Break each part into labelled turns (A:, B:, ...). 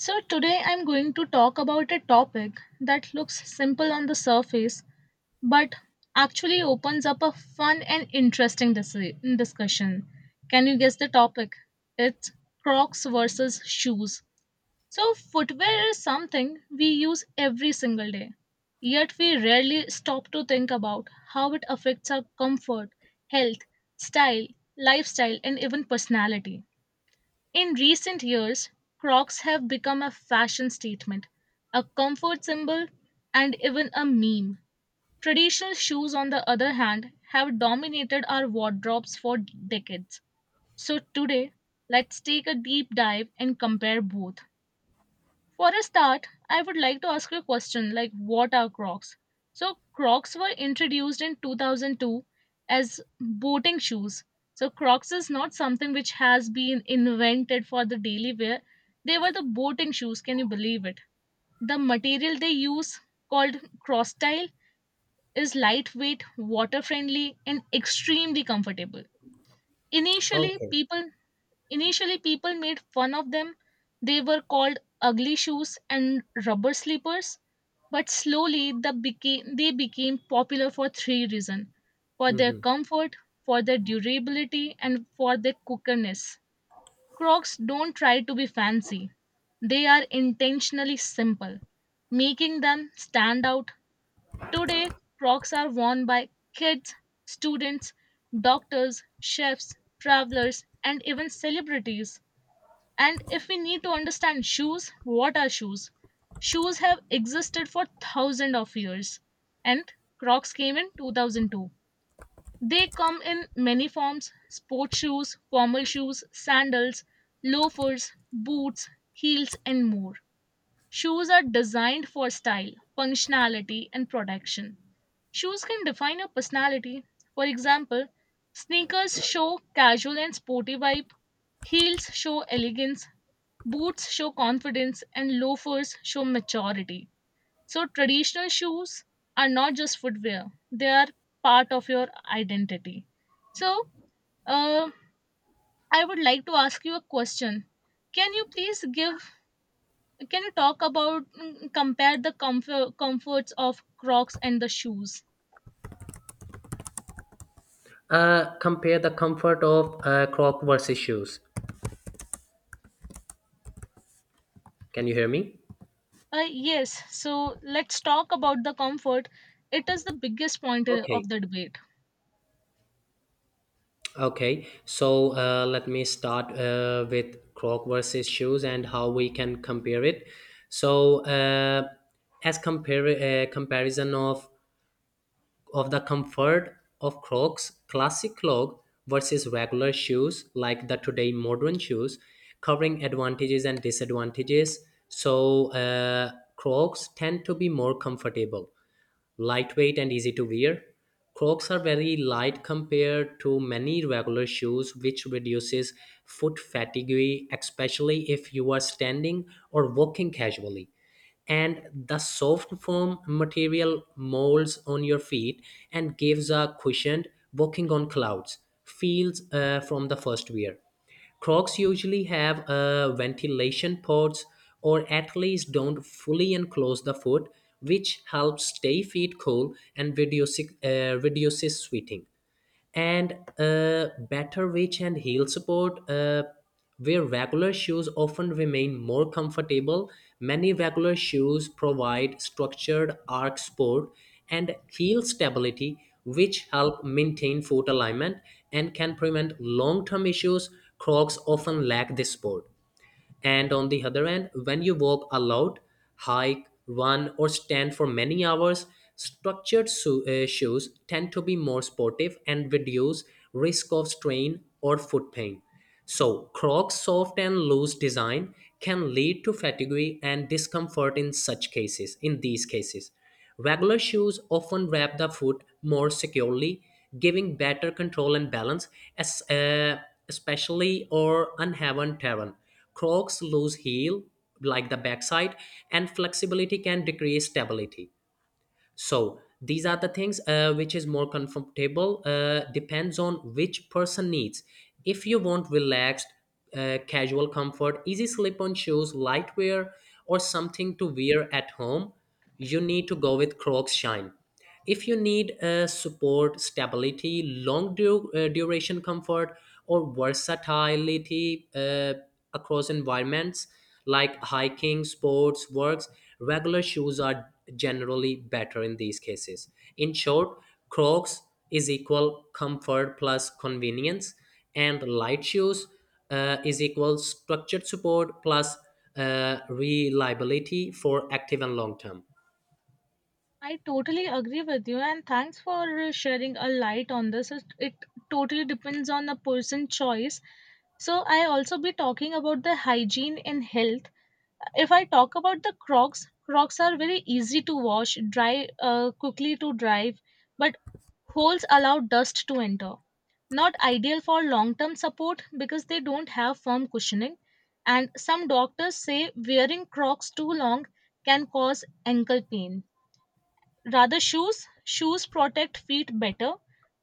A: So, today I'm going to talk about a topic that looks simple on the surface but actually opens up a fun and interesting discussion. Can you guess the topic? It's Crocs versus shoes. So, footwear is something we use every single day, yet we rarely stop to think about how it affects our comfort, health, style, lifestyle, and even personality. In recent years, Crocs have become a fashion statement, a comfort symbol, and even a meme. Traditional shoes, on the other hand, have dominated our wardrobes for decades. So, today, let's take a deep dive and compare both. For a start, I would like to ask you a question like what are Crocs? So Crocs were introduced in 2002 as boating shoes. So Crocs is not something which has been invented for the daily wear. They were the boating shoes, can you believe it? The material they use called Crostyle is lightweight, water friendly and extremely comfortable. Initially,
B: Okay.
A: people Initially, people made fun of them. They were called ugly shoes and rubber slippers, but they became popular for three reasons, for their
B: Hmm.
A: comfort, for their durability, and for their cookerness. Crocs don't try to be fancy, they are intentionally simple, making them stand out. Today, Crocs are worn by kids, students, doctors, chefs, travelers, and even celebrities. And if we need to understand shoes, what are shoes? Shoes have existed for thousands of years, and Crocs came in 2002. They come in many forms, sports shoes, formal shoes, sandals, loafers, boots, heels, and more. Shoes are designed for style, functionality, and protection. Shoes can define your personality. For example, sneakers show casual and sporty vibe, heels show elegance, boots show confidence and loafers show maturity. So, traditional shoes are not just footwear, they are part of your identity. So, uh, I would like to ask you a question. Can you please give, can you talk about, compare the comforts of Crocs and the shoes?
B: Compare the comfort of crop versus shoes. Can you hear me?
A: Uh, yes, so let's talk about the comfort. It is the biggest point
B: Okay.
A: of the debate.
B: Okay. So let me start with croc versus shoes and how we can compare it. So uh, as compare comparison of the comfort of Crocs classic clog versus regular shoes like the today modern shoes, covering advantages and disadvantages. So Crocs tend to be more comfortable, lightweight and easy to wear. Crocs are very light compared to many regular shoes, which reduces foot fatigue, especially if you are standing or walking casually, and the soft foam material molds on your feet and gives a cushioned walking on clouds feels from the first wear. Crocs usually have ventilation pods or at least don't fully enclose the foot, which helps stay feet cool and reduces sweating, and better reach and heel support where regular shoes often remain more comfortable. Many regular shoes provide structured arch support and heel stability, which help maintain foot alignment and can prevent long-term issues. Crocs often lack this support. And on the other hand, when you walk aloud, hike, run, or stand for many hours, shoes tend to be more sportive and reduce risk of strain or foot pain. So, Crocs' soft and loose design can lead to fatigue and discomfort in such cases, in these cases. Regular shoes often wrap the foot more securely, giving better control and balance, As especially or unhaven terrain. Crocs lose heel, like the backside, and flexibility can decrease stability. So these are the things which is more comfortable depends on which person needs. If you want relaxed, casual comfort, easy slip on shoes, light wear, or something to wear at home, you need to go with crocs shine. If you need support, stability, duration comfort, or versatility across environments like hiking, sports, works, regular shoes are generally better in these cases. In short, crocs is equal comfort plus convenience, and light shoes is equal structured support plus reliability for active and long term.
A: I totally agree with you, and thanks for sharing a light on this. It totally depends on the person choice. So I also be talking about the hygiene and health. If I talk about the Crocs, Crocs are very easy to wash, dry quickly to drive, but holes allow dust to enter. Not ideal for long-term support because they don't have firm cushioning. And some doctors say wearing Crocs too long can cause ankle pain. Rather, shoes protect feet better,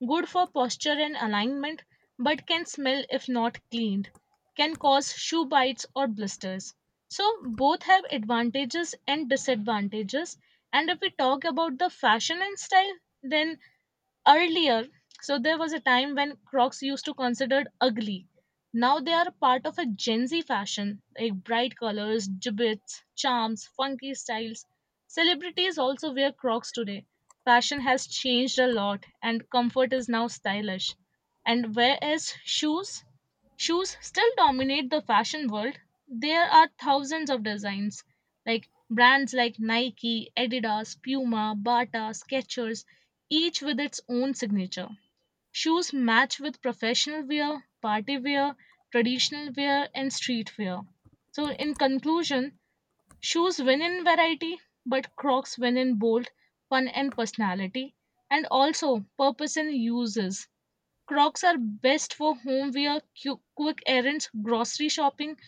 A: good for posture and alignment, but can smell if not cleaned, can cause shoe bites or blisters. So both have advantages and disadvantages. And if we talk about the fashion and style, then earlier, so there was a time when Crocs used to considered ugly. Now they are part of a Gen Z fashion, like bright colors, gibbets, charms, funky styles. Celebrities also wear Crocs today. Fashion has changed a lot, and comfort is now stylish. And whereas shoes, shoes still dominate the fashion world, there are thousands of designs, like brands like Nike, Adidas, Puma, Bata, Skechers, each with its own signature. Shoes match with professional wear, party wear, traditional wear, and street wear. So, in conclusion, shoes win in variety, but Crocs win in bold, fun, and personality, and also purpose and uses. Crocs are best for home wear, quick errands, grocery shopping,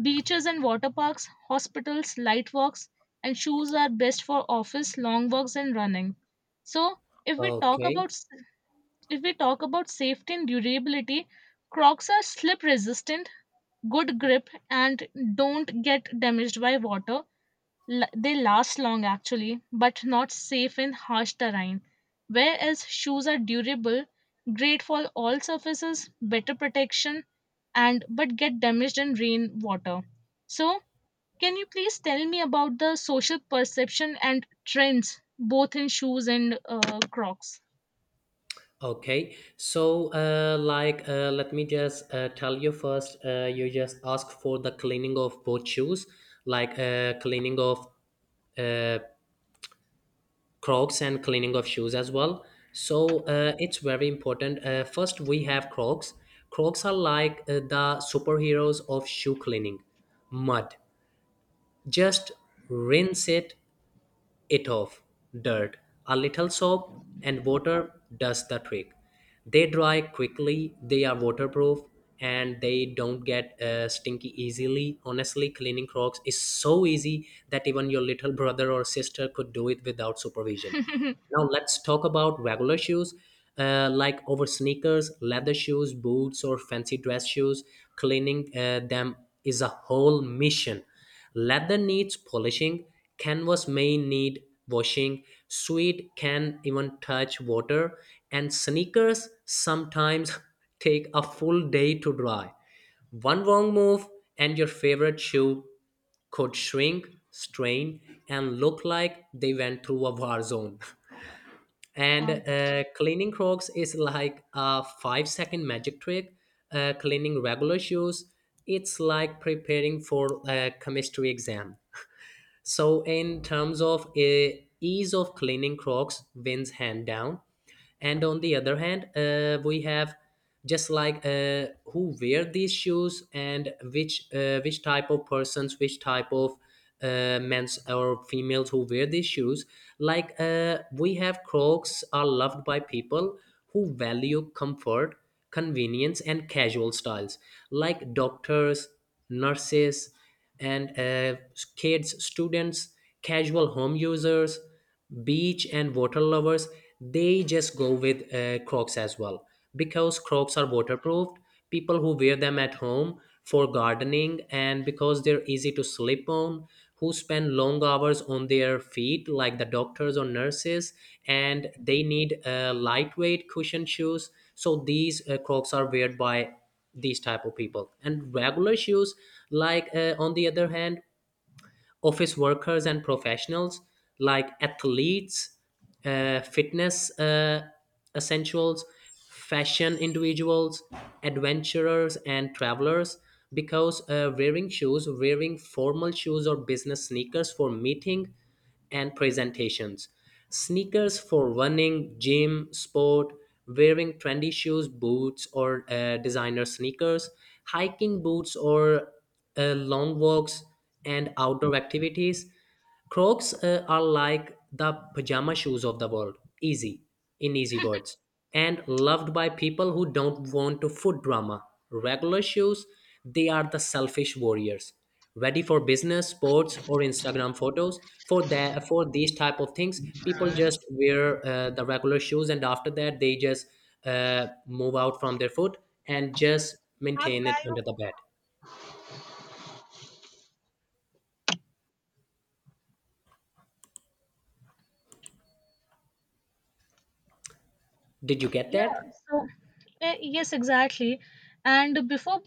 A: beaches and water parks, hospitals, light walks, and shoes are best for office, long walks, and running. So, if we talk
B: Okay.
A: about if we talk about safety and durability, Crocs are slip resistant, good grip, and don't get damaged by water. They last long actually, but not safe in harsh terrain. Whereas shoes are durable, great for all surfaces, better protection, and but get damaged in rain water. So, can you please tell me about the social perception and trends both in shoes and Crocs?
B: Okay, so let me just tell you first. You just ask for the cleaning of both shoes, like cleaning of uh, Crocs and cleaning of shoes as well. So it's very important. First, we have Crocs. Crocs are like the superheroes of shoe cleaning. Mud, just rinse it off. Dirt, a little soap, and water does the trick. They dry quickly, they are waterproof, and they don't get stinky easily. Honestly, cleaning Crocs is so easy that even your little brother or sister could do it without supervision. Now let's talk about regular shoes, like over sneakers, leather shoes, boots, or fancy dress shoes. Cleaning them is a whole mission. Leather needs polishing, canvas may need washing, suede can even touch water, and sneakers sometimes take a full day to dry. One wrong move, and your favorite shoe could shrink, strain, and look like they went through a war zone. And
A: Uh,
B: cleaning crocs is like a 5 second magic trick. Cleaning regular shoes, it's like preparing for a chemistry exam. So, in terms of ease of cleaning, Crocs wins hand down. And on the other hand, we have just like who wear these shoes and which type of persons, which type of men's or females who wear these shoes. Like we have Crocs are loved by people who value comfort, convenience, and casual styles, like doctors, nurses, and kids, students, casual home users, beach and water lovers, they just go with Crocs as well, because Crocs are waterproof. People who wear them at home for gardening and because they're easy to slip on, who spend long hours on their feet, like the doctors or nurses, and they need lightweight cushion shoes. So these Crocs are wear by these type of people. And regular shoes, like on the other hand, office workers and professionals, like athletes, fitness essentials, fashion individuals, adventurers and travelers, because wearing shoes, wearing formal shoes or business sneakers for meeting and presentations. Sneakers for running, gym, sport, wearing trendy shoes, boots, or designer sneakers, hiking boots, or long walks and outdoor activities. Crocs are like the pajama shoes of the world, easy, in easy words, and loved by people who don't want to foot drama. Regular shoes, they are the selfish warriors, ready for business, sports, or Instagram photos. For that, for these type of things, people just wear the regular shoes, and after that, they just move out from their foot and just maintain it under the bed. Did you get
A: Yeah,
B: that?
A: so yes, exactly. And before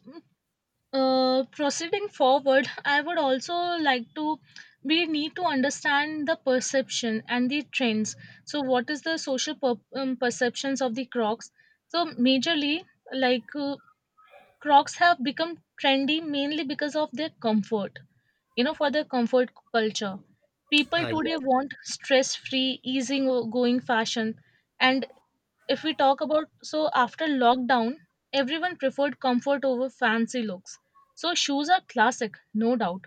A: proceeding forward, I would also like to, we need to understand the perception and the trends. So, what is the social perceptions of the Crocs? So, majorly, like uh, Crocs have become trendy mainly because of their comfort, you know, for their comfort culture. People today
B: Yes.
A: want stress-free, easy-going fashion, and if we talk about, so after lockdown, everyone preferred comfort over fancy looks. So shoes are classic, no doubt,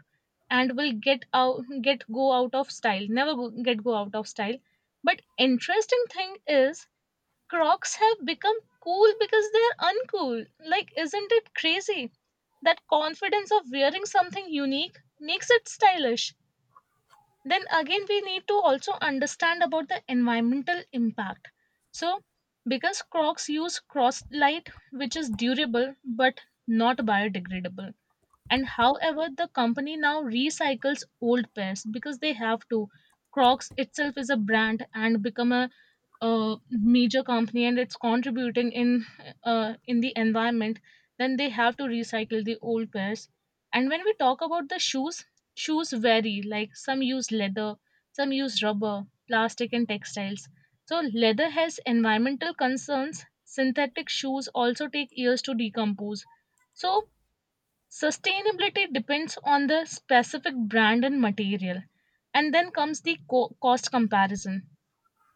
A: and will get out get go out of style. Never go, get go out of style. But interesting thing is Crocs have become cool because they're uncool. Like isn't it crazy? That confidence of wearing something unique makes it stylish. Then again, we need to also understand about the environmental impact. So, because Crocs use Crosslight, which is durable but not biodegradable, and however the company now recycles old pairs because they have to. Crocs itself is a brand and become a major company, and it's contributing in the environment. Then they have to recycle the old pairs. And when we talk about the shoes, shoes vary, like some use leather, some use rubber, plastic and textiles. So leather has environmental concerns, synthetic shoes also take years to decompose. So sustainability depends on the specific brand and material. And then comes the cost comparison.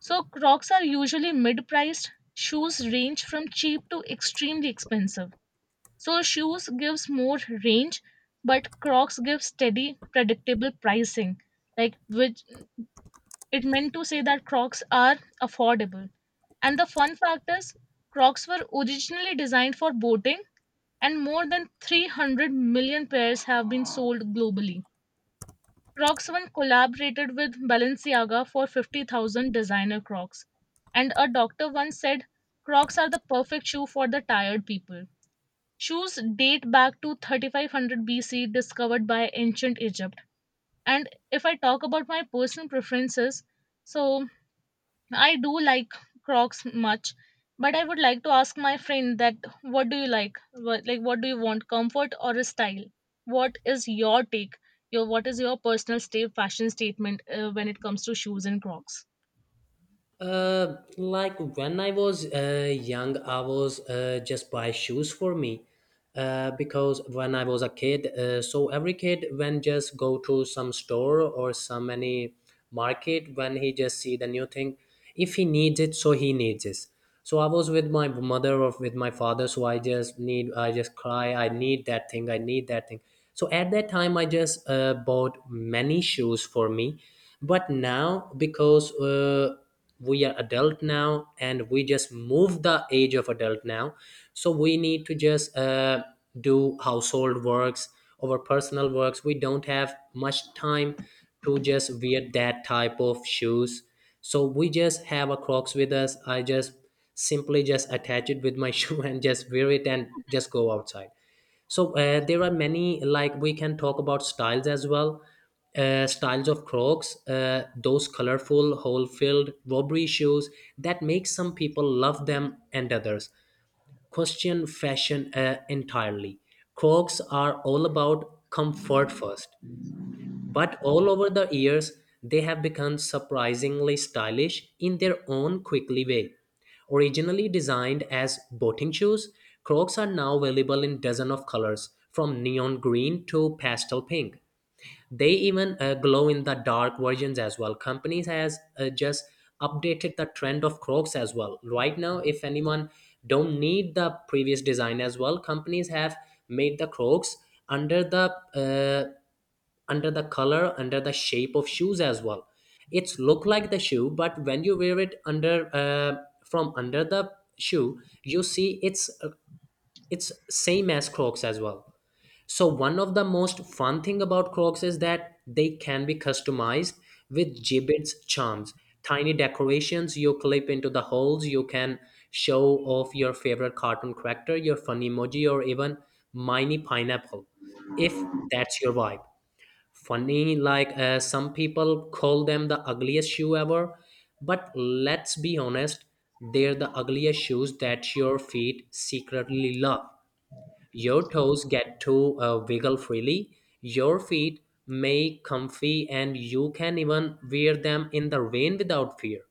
A: So Crocs are usually mid-priced. Shoes range from cheap to extremely expensive. So shoes gives more range, but Crocs gives steady, predictable pricing. Like which it meant to say that Crocs are affordable. And the fun fact is, Crocs were originally designed for boating, and more than 300 million pairs have been sold globally. Crocs Roxone collaborated with Balenciaga for 50,000 designer Crocs, and a doctor once said, Crocs are the perfect shoe for the tired people. Shoes date back to 3500 BC, discovered by ancient Egypt. And if I talk about my personal preferences, so I do like Crocs much, but I would like to ask my friend that what do you like? What do you want, comfort or a style? What is your take? Your what is your personal state fashion statement when it comes to shoes and Crocs?
B: Like when I was young, I was just buy shoes for me. Because when I was a kid, so every kid when just go to some store or some any market when he just see the new thing, if he needs it, so he needs it. So I was with my mother or with my father, so I just I just cry, I need that thing, I need that thing. So at that time, I just bought many shoes for me, but now because. We are adult now and we just move the age of adult now, so we need to just do household works, our personal works, we don't have much time to just wear that type of shoes. So we just have a crocs with us. I just simply just attach it with my shoe and just wear it and just go outside. So there are many, like we can talk about styles as well. Styles of Crocs, those colorful, hole-filled robbery shoes that make some people love them and others question fashion entirely. Crocs are all about comfort first. But all over the years, they have become surprisingly stylish in their own quickly way. Originally designed as boating shoes, Crocs are now available in dozens of colors, from neon green to pastel pink. They even glow in the dark versions as well. Companies has just updated the trend of Crocs as well. Right now, if anyone don't need the previous design as well, companies have made the Crocs under the uh, under the color, under the shape of shoes as well. It's look like the shoe, but when you wear it under from under the shoe, you see it's same as crocs as well. So one of the most fun thing about Crocs is that they can be customized with gibbets charms, tiny decorations you clip into the holes. You can show off your favorite cartoon character, your fun emoji, or even mini pineapple, if that's your vibe. Funny, like some people call them the ugliest shoe ever, but let's be honest, they're the ugliest shoes that your feet secretly love. Your toes get to wiggle freely. Your feet may comfy and you can even wear them in the rain without fear.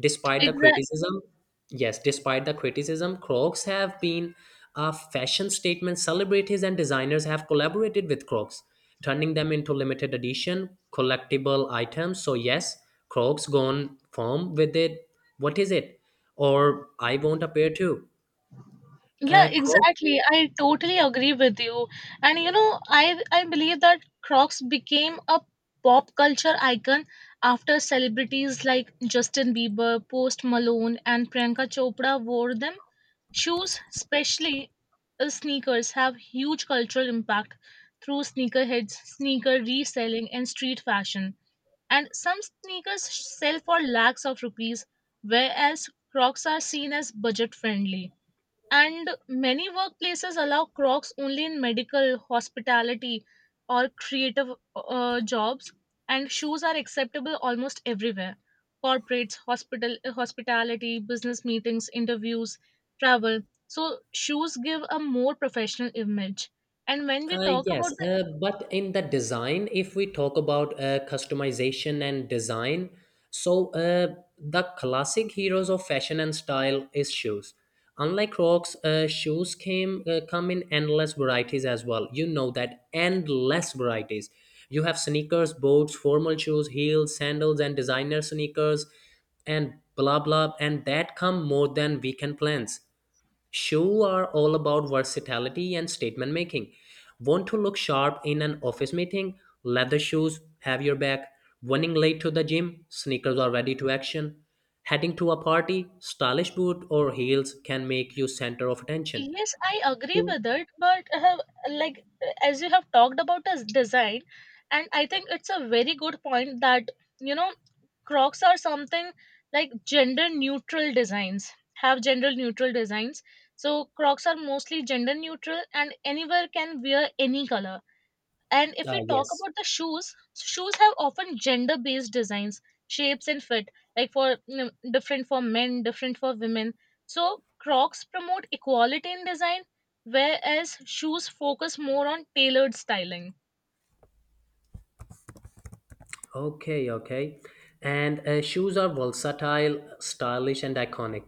B: Despite the
A: Exactly.
B: criticism, yes, despite the criticism, Crocs have been a fashion statement. Celebrities and designers have collaborated with Crocs, turning them into limited edition collectible items. So yes, Crocs gone firm with it. What is it? Or I want a pair too.
A: Yeah,
B: Crocs.
A: exactly. I totally agree with you. And you know, I believe that Crocs became a pop culture icon after celebrities like Justin Bieber, Post Malone, and Priyanka Chopra wore them. Shoes, especially sneakers, have huge cultural impact through sneakerheads, sneaker reselling, and street fashion. And some sneakers sell for lakhs of rupees, whereas Crocs are seen as budget friendly. And many workplaces allow Crocs only in medical, hospitality, or creative jobs, and shoes are acceptable almost everywhere. Corporates, hospital, hospitality, business meetings, interviews, travel. So shoes give a more professional image. And when we talk about,
B: Yes, but in the design, if we talk about customization and design, so the classic heroes of fashion and style is shoes. Unlike Crocs, shoes came come in endless varieties as well. You know that endless varieties. You have sneakers, boots, formal shoes, heels, sandals, and designer sneakers, and blah blah, and that come more than weekend plans. Shoes are all about versatility and statement making. Want to look sharp in an office meeting? Leather shoes have your back. Running late to the gym? Sneakers are ready to action. Heading to a party? Stylish boot or heels can make you center of attention.
A: yes, I agree
B: Shoe,
A: with it, but I have, like, as you have talked about as design, and I think it's a very good point that you know Crocs are something like gender neutral designs have gender neutral designs. So Crocs are mostly gender neutral, and anywhere can wear any color. And if
B: ah
A: we talk
B: yes.
A: about the shoes, shoes have often gender based designs, shapes, and fit, like for you know, different for men, different for women. So, Crocs promote equality in design, whereas shoes focus more on tailored styling.
B: Okay, okay. And shoes are versatile, stylish, and iconic.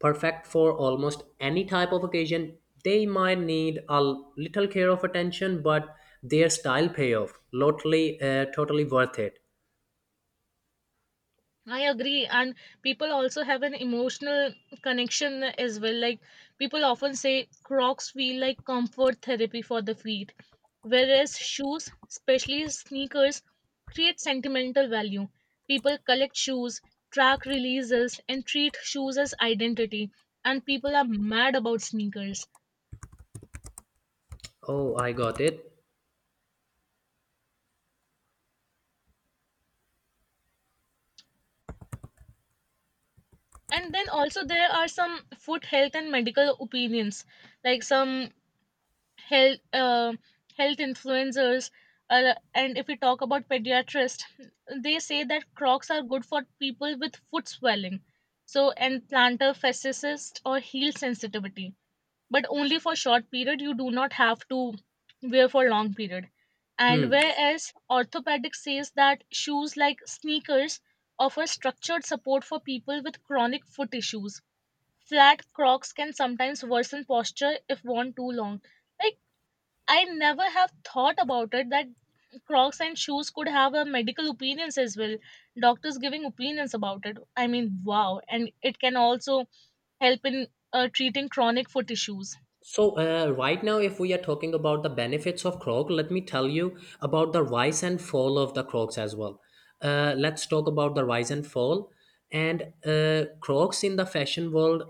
B: Perfect for almost any type of occasion. They might need a little care of attention, but their style payoff, totally, totally worth it.
A: I agree, and people also have an emotional connection as well. Like, people often say Crocs feel like comfort therapy for the feet. Whereas shoes, especially sneakers, create sentimental value. People collect shoes, track releases, and treat shoes as identity. And people are mad about sneakers.
B: Oh, I got it.
A: And then also there are some foot health and medical opinions, like some health uh, health influencers. And if we talk about pediatrists, they say that Crocs are good for people with foot swelling, so and plantar fasciitis or heel sensitivity, but only for short period. You do not have to wear for long period. And
B: Hmm.
A: whereas orthopedic says that shoes like sneakers offer structured support for people with chronic foot issues. Flat crocs can sometimes worsen posture if worn too long. Like, I never have thought about it that crocs and shoes could have a medical opinions as well, doctors giving opinions about it. I mean, wow. And it can also help in treating chronic foot issues.
B: So, right now, if we are talking about the benefits of Crocs, let me tell you about the rise and fall of the Crocs as well. Let's talk about the rise and fall. And Crocs in the fashion world,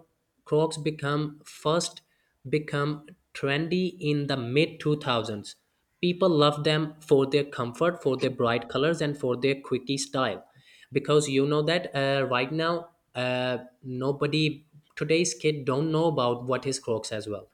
B: Crocs become trendy in the mid 2000s. People love them for their comfort, for their bright colors, and for their quirky style. Because you know that right now, nobody today's kid don't know about what is Crocs as well.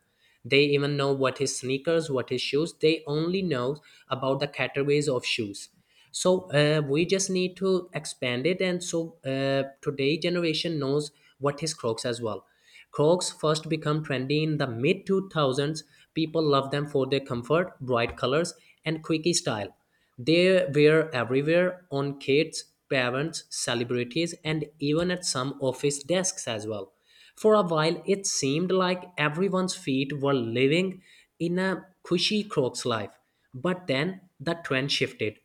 B: They even know what is sneakers, what is shoes. They only know about the categories of shoes. So we just need to expand it, and so today generation knows what is Crocs as well. Crocs first became trendy in the mid 2000s. People loved them for their comfort, bright colors, and quirky style. They were everywhere on kids, parents, celebrities, and even at some office desks as well. For a while, it seemed like everyone's feet were living in a cushy Crocs life. But then the trend shifted.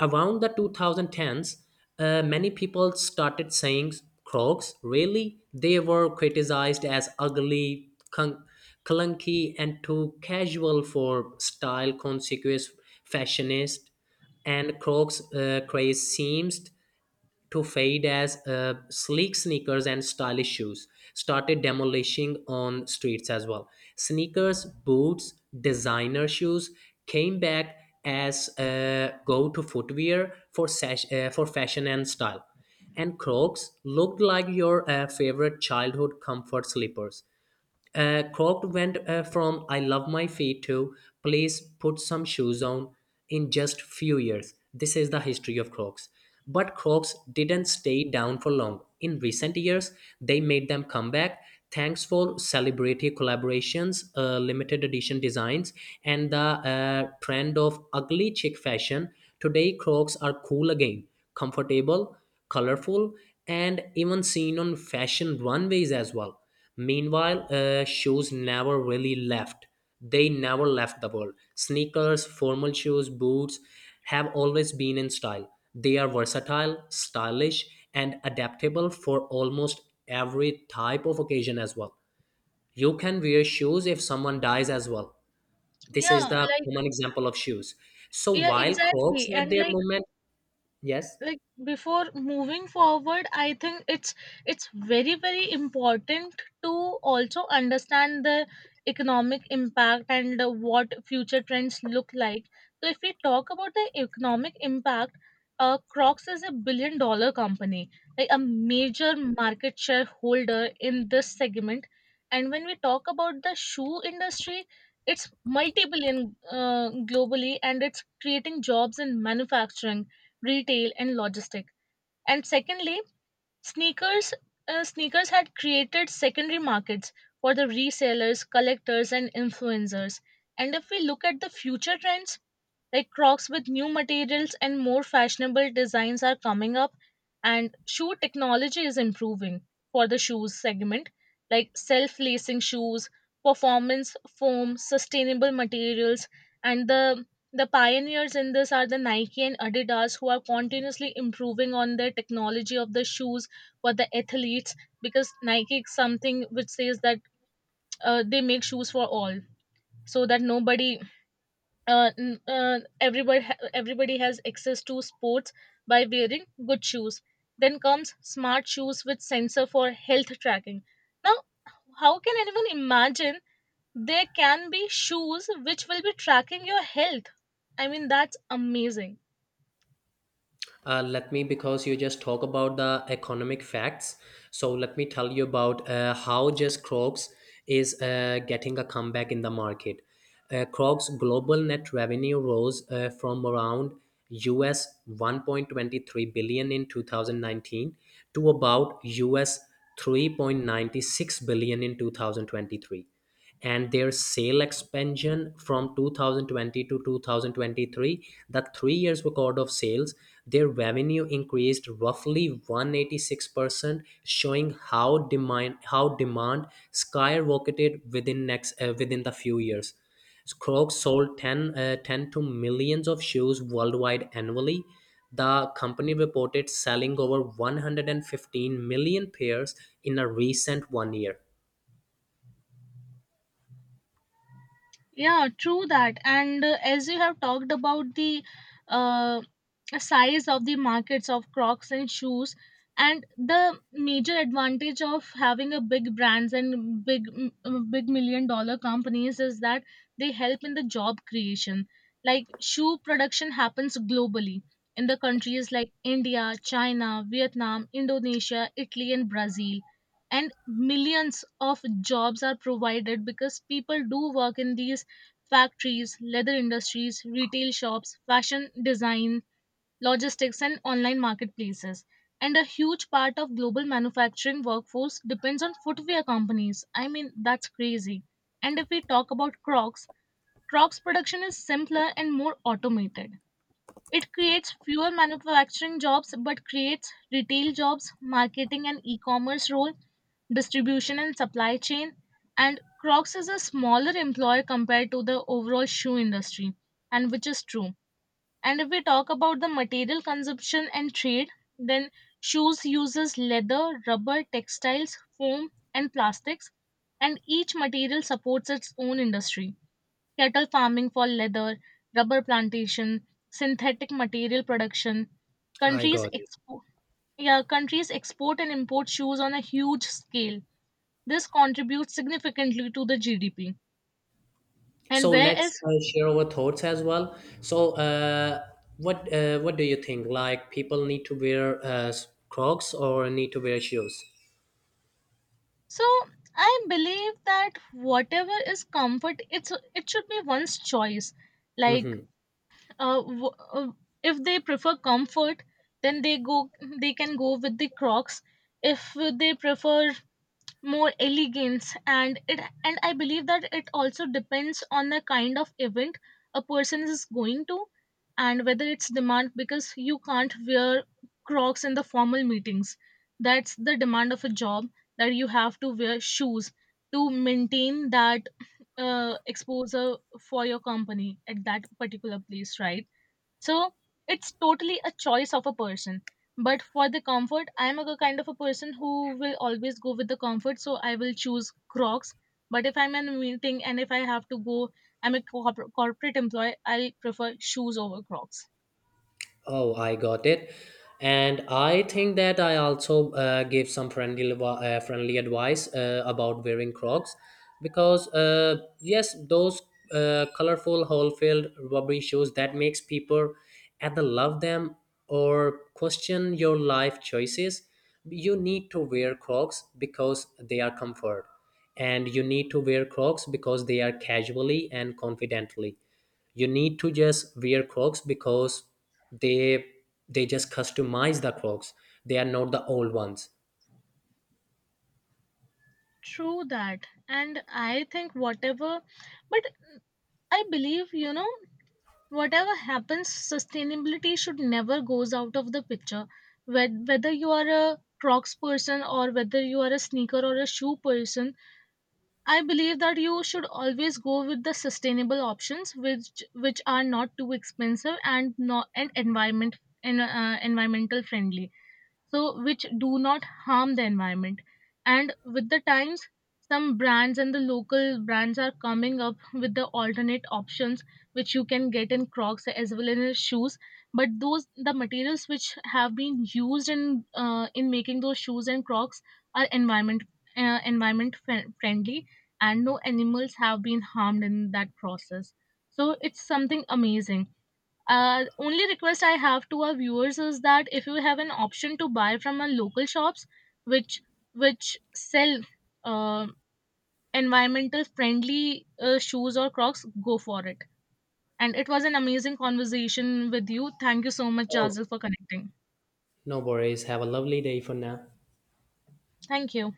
B: Around the 2010s, many people started saying crocs. Really, they were criticized as ugly, clunky, and too casual for style conscious fashionists. And crocs craze seems to fade as sleek sneakers and stylish shoes started demolishing on streets as well. Sneakers, boots, designer shoes came back as go-to footwear for for fashion and style. And Crocs looked like your favorite childhood comfort slippers. Croc went from I love my feet to please put some shoes on in just few years. This is the history of Crocs. But Crocs didn't stay down for long. In recent years, they made them come back thanks for celebrity collaborations, limited edition designs, and the trend of ugly chic fashion. Today, Crocs are cool again, comfortable, colorful, and even seen on fashion runways as well. Meanwhile, shoes never really left. They never left the world. Sneakers, formal shoes, boots have always been in style. They are versatile, stylish, and adaptable for almost every type of occasion as well. You can wear shoes if someone dies as well. This is
A: Yeah,
B: the
A: like
B: common example of shoes. So
A: yeah,
B: while Crocs
A: exactly.
B: had
A: And
B: their moment, yes.
A: like before moving forward, I think it's very important to also understand the economic impact and what future trends look like. So if we talk about the economic impact, crocs is a $1 billion company, like a major market share holder in this segment. And when we talk about the shoe industry, it's multi-billion globally, and it's creating jobs in manufacturing, retail and logistic. And secondly, sneakers sneakers had created secondary markets for the resellers, collectors and influencers. And if we look at the future trends, like Crocs with new materials and more fashionable designs are coming up, and shoe technology is improving for the shoes segment, like self lacing shoes, performance foam, sustainable materials, and the pioneers in this are the Nike and Adidas, who are continuously improving on their technology of the shoes for the athletes. Because Nike is something which says that they make shoes for all, so that everybody has access to sports by wearing good shoes. Then comes smart shoes with sensor for health tracking. Now, how can anyone imagine there can be shoes which will be tracking your health? I mean, that's amazing.
B: Let me because you just talk about the economic facts, so let me tell you about how just crocs is getting a comeback in the market. Crocs global net revenue rose from around us 1.23 billion in 2019 to about us 3.96 billion in 2023, and their sale expansion from 2020 to 2023, the 3 years record of sales, their revenue increased roughly 186%, showing how demand skyrocketed within next within the few years. Crocs sold 10 to millions of shoes worldwide annually. The company reported selling over 115 million pairs in a recent 1 year.
A: Yeah, true that. And as you have talked about the uh, size of the markets of crocs and shoes, and the major advantage of having a big brands and big million dollar companies is that they help in the job creation. Like shoe production happens globally in the countries like india, china, vietnam, indonesia, italy and brazil, and millions of jobs are provided because people do work in these factories, leather industries, retail shops, fashion design, logistics, and online marketplaces. And a huge part of global manufacturing workforce depends on footwear companies. I mean, that's crazy. And if we talk about Crocs, Crocs production is simpler and more automated. It creates fewer manufacturing jobs but creates retail jobs, marketing and e commerce role, distribution and supply chain. And Crocs is a smaller employer compared to the overall shoe industry, and which is true. And if we talk about the material consumption and trade, then shoes uses leather, rubber, textiles, foam, and plastics, and each material supports its own industry. Cattle farming for leather, rubber plantation, synthetic material production.
B: I
A: Countries
B: got it.
A: export, yeah, countries export and import shoes on a huge scale. This contributes significantly to the GDP. And
B: So
A: where
B: let's
A: is?
B: share our thoughts as well. So what do you think? Like people need to wear Crocs or need to wear shoes?
A: So I believe that whatever is comfort, it should be one's choice. Like
B: Hmm.
A: uh, w- uh, if they prefer comfort, then they can go with the Crocs. If they prefer more elegance, and it and I believe that it also depends on the kind of event a person is going to, and whether it's demand. Because you can't wear crocs in the formal meetings. That's the demand of a job, that you have to wear shoes to maintain that exposure for your company at that particular place, right? So it's totally a choice of a person. But for the comfort, I'm a kind of a person who will always go with the comfort. So I will choose Crocs. But if I'm in a meeting and if I have to go, I'm a corporate employee, I'll prefer shoes over Crocs.
B: Oh, I got it. And I think that I also give some friendly advice about wearing Crocs, because yes, those colorful whole field rubbery shoes that makes people either love them or question your life choices. You need to wear Crocs because they are comfort, and you need to wear Crocs because they are casually and confidently, you need to just wear crocs because they they just customize the crocs. They are not the old ones.
A: True that. And I think whatever, but I believe, you know, whatever happens, sustainability should never goes out of the picture. Whether you are a Crocs person, or whether you are a sneaker or a shoe person, I believe that you should always go with the sustainable options, which are not too expensive, and not and environment and environmental friendly, so which do not harm the environment. And with the times, some brands and the local brands are coming up with the alternate options, which you can get in crocs as well as in shoes. But those the materials which have been used in making those shoes and crocs are friendly, and no animals have been harmed in that process. So it's something amazing. Only request I have to our viewers is that if you have an option to buy from a local shops which which sell uh, environmental friendly shoes or Crocs, go for it. And it was an amazing conversation with you. Thank you so much,
B: Oh,
A: Jazil, for connecting.
B: no worries, have a lovely day for now.
A: Thank you.